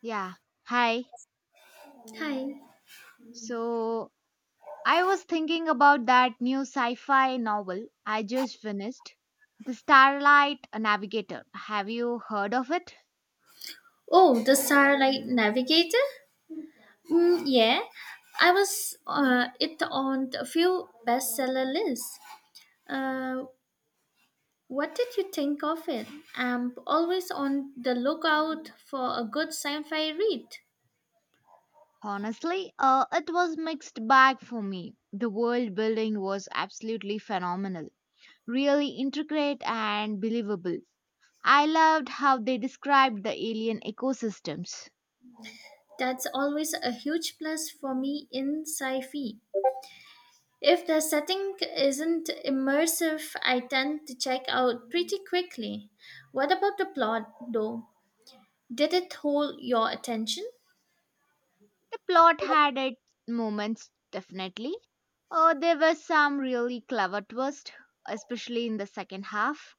Yeah, hi. Hi. So I was thinking about that new sci fi novel I just finished, The Starlight Navigator. Have you heard of it? Oh, the Starlight Navigator? Mm, yeah, I was it on a few bestseller lists. Uh, what did you think of it? I'm always on the lookout for a good sci-fi read. Honestly, it was mixed bag for me. The world building was absolutely phenomenal, really intricate and believable. I loved how they described the alien ecosystems. That's always a huge plus for me in sci-fi. If the setting isn't immersive, I tend to check out pretty quickly. What about the plot, though? Did it hold your attention? The plot had its moments, definitely. There were some really clever twists, especially in the second half,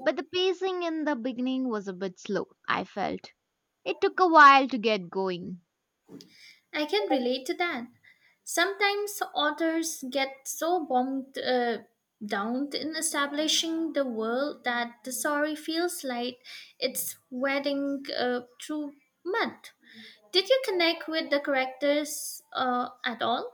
but the pacing in the beginning was a bit slow, I felt. It took a while to get going. I can relate to that. Sometimes authors get so bogged down in establishing the world that the story feels like it's wading through mud. Did you connect with the characters at all?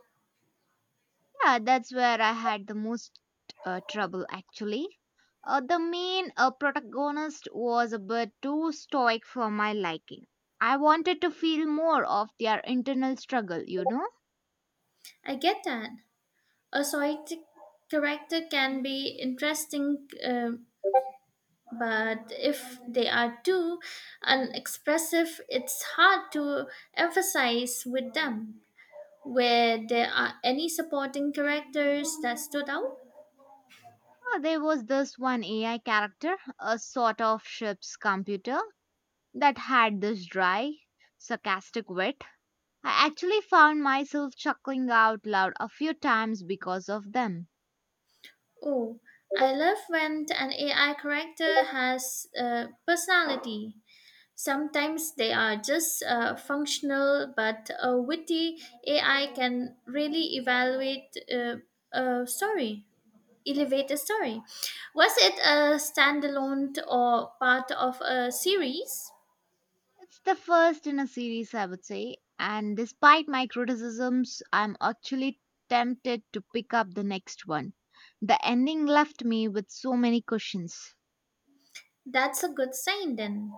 Yeah, that's where I had the most trouble actually. The main protagonist was a bit too stoic for my liking. I wanted to feel more of their internal struggle, you know? I get that. A poetic character can be interesting, but if they are too unexpressive, it's hard to emphasize with them. Were there any supporting characters that stood out? There was this one AI character, a sort of ship's computer, that had this dry, sarcastic wit. I actually found myself chuckling out loud a few times because of them. Oh, I love when an AI character has personality. Sometimes they are just functional, but a witty AI can really evaluate a elevate a story. Was it a standalone or part of a series? It's the first in a series, I would say, and despite my criticisms, I'm actually tempted to pick up the next one. The ending left me with so many questions. That's a good sign then.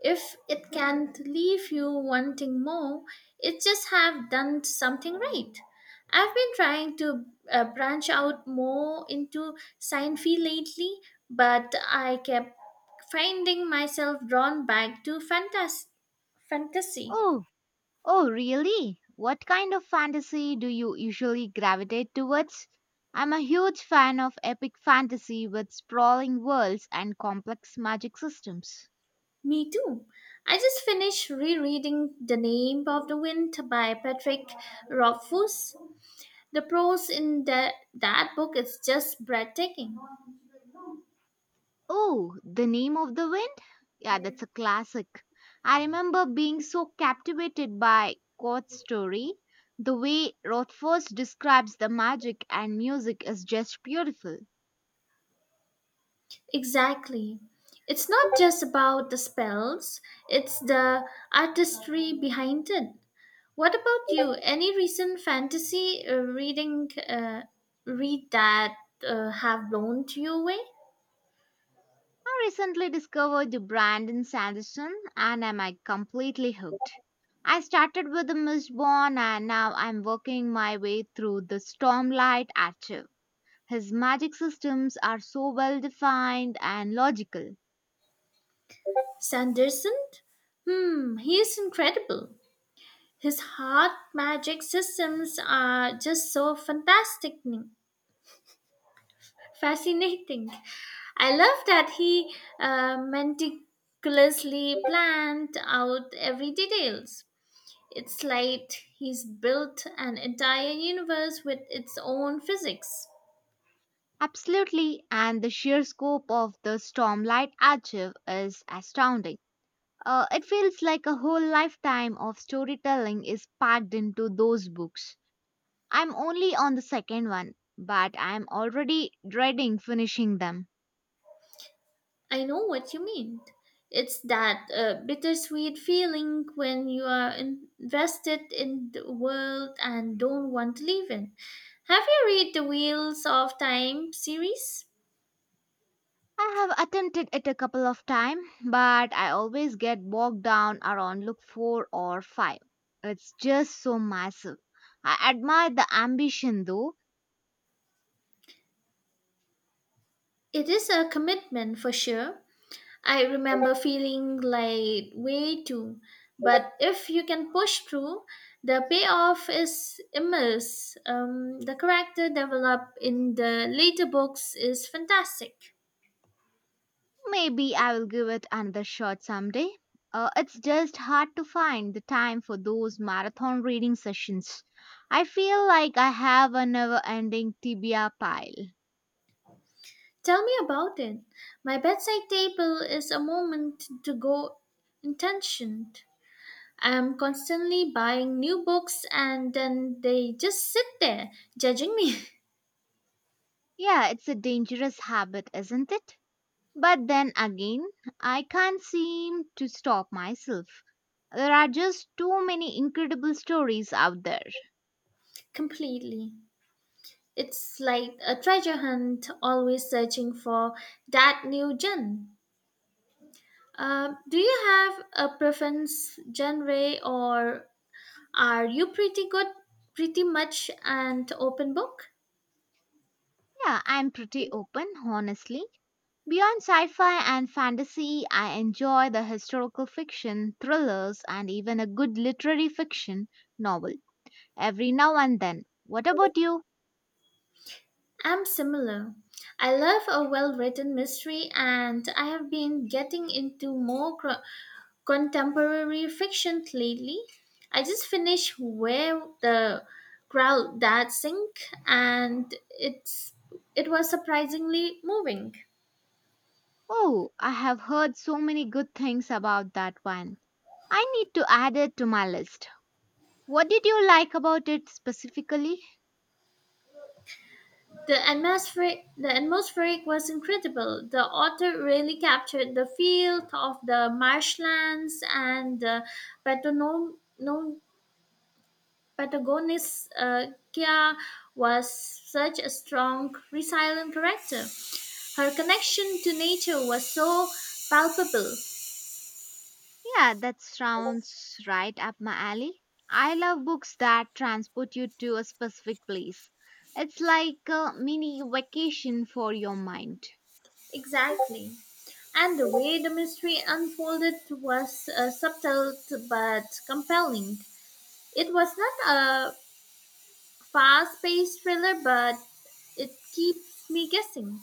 If it can't leave you wanting more, it just have done something right. I've been trying to branch out more into sci fi lately, but I kept finding myself drawn back to fantasy. Oh, Oh, really? What kind of fantasy do you usually gravitate towards? I'm a huge fan of epic fantasy with sprawling worlds and complex magic systems. Me too. I just finished rereading The Name of the Wind by Patrick Rothfuss. The prose in that book is just breathtaking. Oh, The Name of the Wind? Yeah, that's a classic. I remember being so captivated by Court's story. The way Rothfuss describes the magic and music is just beautiful. Exactly. It's not just about the spells, it's the artistry behind it. What about you? Any recent fantasy read that have blown you away? I recently discovered the Brandon Sanderson and am I completely hooked. I started with The Mistborn and now I'm working my way through the Stormlight Archive. His magic systems are so well defined and logical. Sanderson? Hmm, he is incredible. His heart magic systems are just so fantastic. Fascinating. I love that he meticulously planned out every details. It's like he's built an entire universe with its own physics. Absolutely, and the sheer scope of the Stormlight Archive is astounding. It feels like a whole lifetime of storytelling is packed into those books. I'm only on the second one, but I'm already dreading finishing them. I know what you mean. It's that bittersweet feeling when you are invested in the world and don't want to leave it. Have you read the Wheels of Time series? I have attempted it a couple of times, but I always get bogged down around look 4 or 5. It's just so massive. I admire the ambition though. It is a commitment for sure, I remember feeling like way too. But if you can push through, the payoff is immense. The character developed in the later books is fantastic. Maybe I will give it another shot someday. It's just hard to find the time for those marathon reading sessions. I feel like I have a never ending tibia pile. Tell me about it. My bedside table is a moment to go intentioned. I am constantly buying new books and then they just sit there, judging me Yeah, it's a dangerous habit, isn't it? But then again, I can't seem to stop myself. There are just too many incredible stories out there. completely. It's like a treasure hunt, always searching for that new gem. Do you have a preference genre, or are you pretty much an open book? Yeah, I'm pretty open, honestly. Beyond sci fi and fantasy, I enjoy the historical fiction, thrillers, and even a good literary fiction novel every now and then. What about you? I'm similar. I love a well written mystery, and I have been getting into more contemporary fiction lately. I just finished Where the Crowd That Sink and it was surprisingly moving. Oh, I have heard so many good things about that one. I need to add it to my list. What did you like about it specifically? The atmospheric was incredible. The author really captured the feel of the marshlands and the Patagon- no Patagonis Kia was such a strong, resilient character. Her connection to nature was so palpable. Yeah, that sounds right up my alley. I love books that transport you to a specific place. It's like a mini vacation for your mind. Exactly. And the way the mystery unfolded was subtle but compelling. It was not a fast paced thriller, but it keeps me guessing.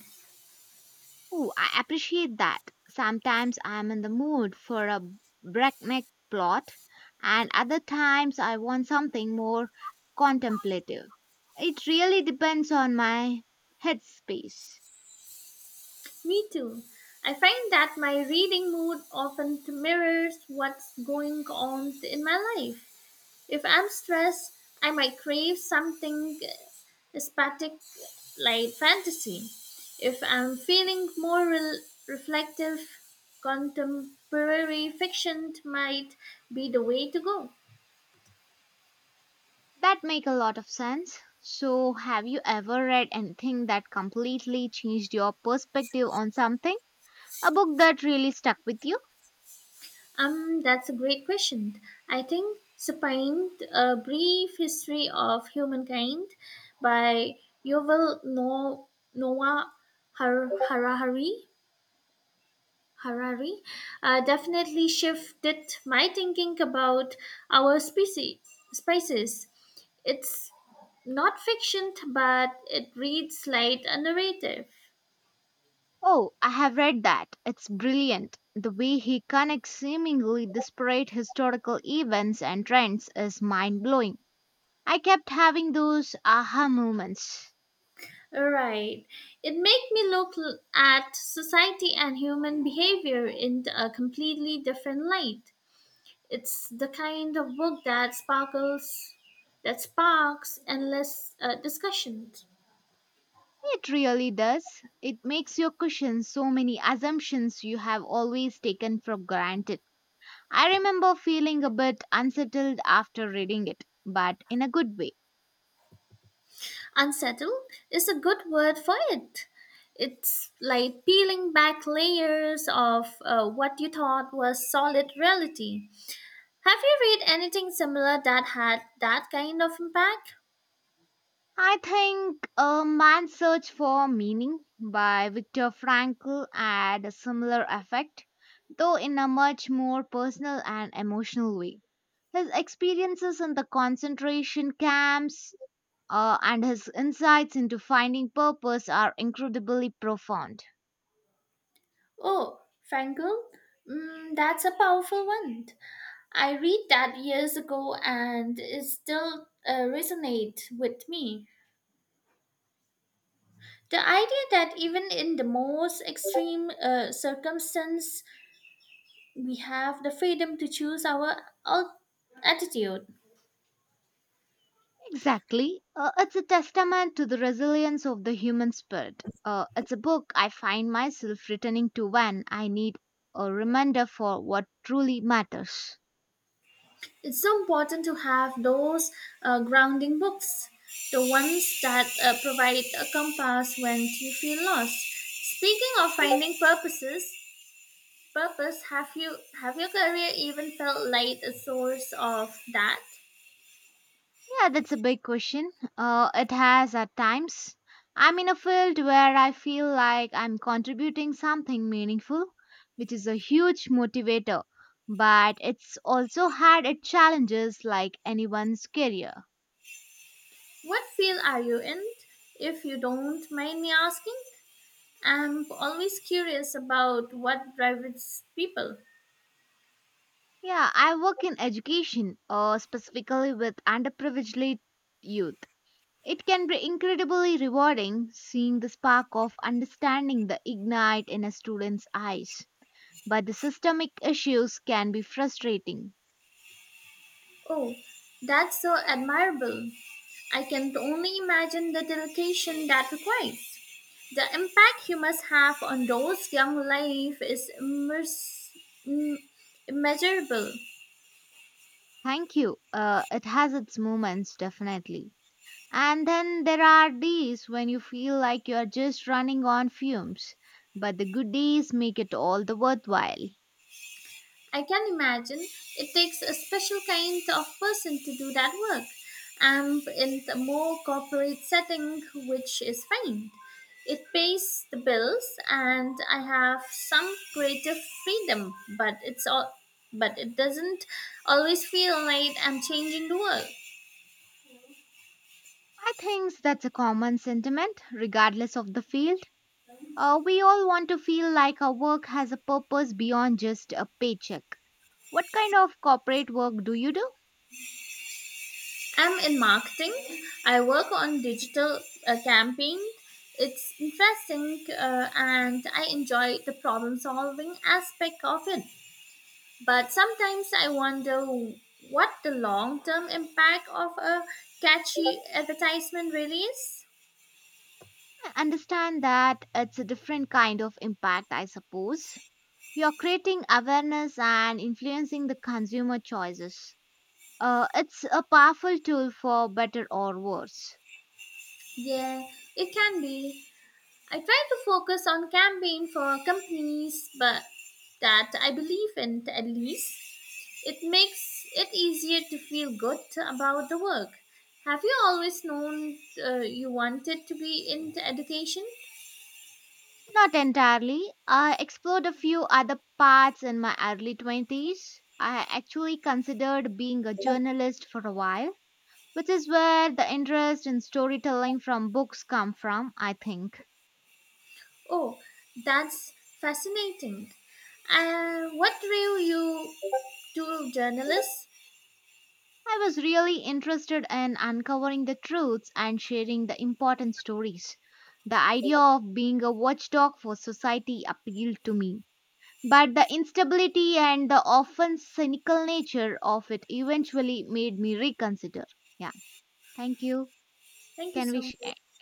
Ooh, I appreciate that. Sometimes I'm in the mood for a breakneck plot, and other times I want something more contemplative. It really depends on my headspace. Me too. I find that my reading mood often mirrors what's going on in my life. If I'm stressed, I might crave something aesthetic like fantasy. If I'm feeling more rel reflective, contemporary fiction might be the way to go. That make a lot of sense. So, have you ever read anything that completely changed your perspective on something? A book that really stuck with you? That's a great question. I think Supine, A Brief History of Humankind by Yuval No- Noah Harari, Harari definitely shifted my thinking about our species. Spices, it's not fiction, but it reads like a narrative. Oh, I have read that. It's brilliant. The way he connects seemingly disparate historical events and trends is mind blowing. I kept having those aha moments. Right. It made me at society and human behavior in a completely different light. It's the kind of book that that sparks endless discussion. It really does. It makes you question so many assumptions you have always taken for granted. I remember feeling a bit unsettled after reading it, but in a good way. Unsettle is a good word for it. It's like peeling back layers of what you thought was solid reality. Have you read anything similar that had that kind of impact? I think A Man's Search for Meaning by Viktor Frankl had a similar effect, though in a much more personal and emotional way. His experiences in the concentration camps and his insights into finding purpose are incredibly profound. Oh, Frankel? Mm, that's a powerful one. I read that years ago and it still resonates with me. The idea that even in the most extreme circumstance, we have the freedom to choose our al- attitude. Exactly. It's a testament to the resilience of the human spirit. It's a book I find myself returning to when I need a reminder for what truly matters. It's so important to have those grounding books, the ones that provide a compass when you feel lost. Speaking of purpose have your career even felt like a source of that? Yeah, that's a big question. It has at times. I'm in a field where I feel like I'm contributing something meaningful, which is a huge motivator. But it's also had its challenges like anyone's career. What field are you in? If you don't mind me asking, I'm always curious about what drives people. Yeah, I work in education, specifically with underprivileged youth. It can be incredibly rewarding seeing the spark of understanding the ignite in a student's eyes but the systemic issues can be frustrating. Oh, that's so admirable. I can only imagine the dedication that requires. The impact you must have on those young life is im- immeasurable. Thank you. It has its moments, definitely. And then there are days when you feel like you're just running on fumes, but the good days make it all the worthwhile. I can imagine it takes a special kind of person to do that work. I'm in a more corporate setting, which is fine. It pays the bills, and I have some creative freedom, but but it doesn't always feel like I'm changing the world. I think that's a common sentiment, regardless of the field. We all want to feel like our work has a purpose beyond just a paycheck. What kind of corporate work do you do? I'm in marketing. I work on digital campaign. It's interesting and I enjoy the problem solving aspect of it. But sometimes I wonder what the long term impact of a catchy advertisement really is. I understand that it's a different kind of impact, I suppose. You're creating awareness and influencing the consumer choices. It's a powerful tool for better or worse. Yeah, it can be. I try to focus on campaign for companies but that I believe in at least. It makes it easier to feel good about the work. Have you always known you wanted to be in education? Not entirely. I explored a few other paths in my early 20s. I actually considered being a journalist for a while, which is where the interest in storytelling from books come from, I think. Oh, that's fascinating. What drew you to journalists? I was really interested in uncovering the truths and sharing the important stories. The idea of being a watchdog for society appealed to me, but the instability and the often cynical nature of it eventually made me reconsider. Yeah, thank you. Thank you Can we so share? much.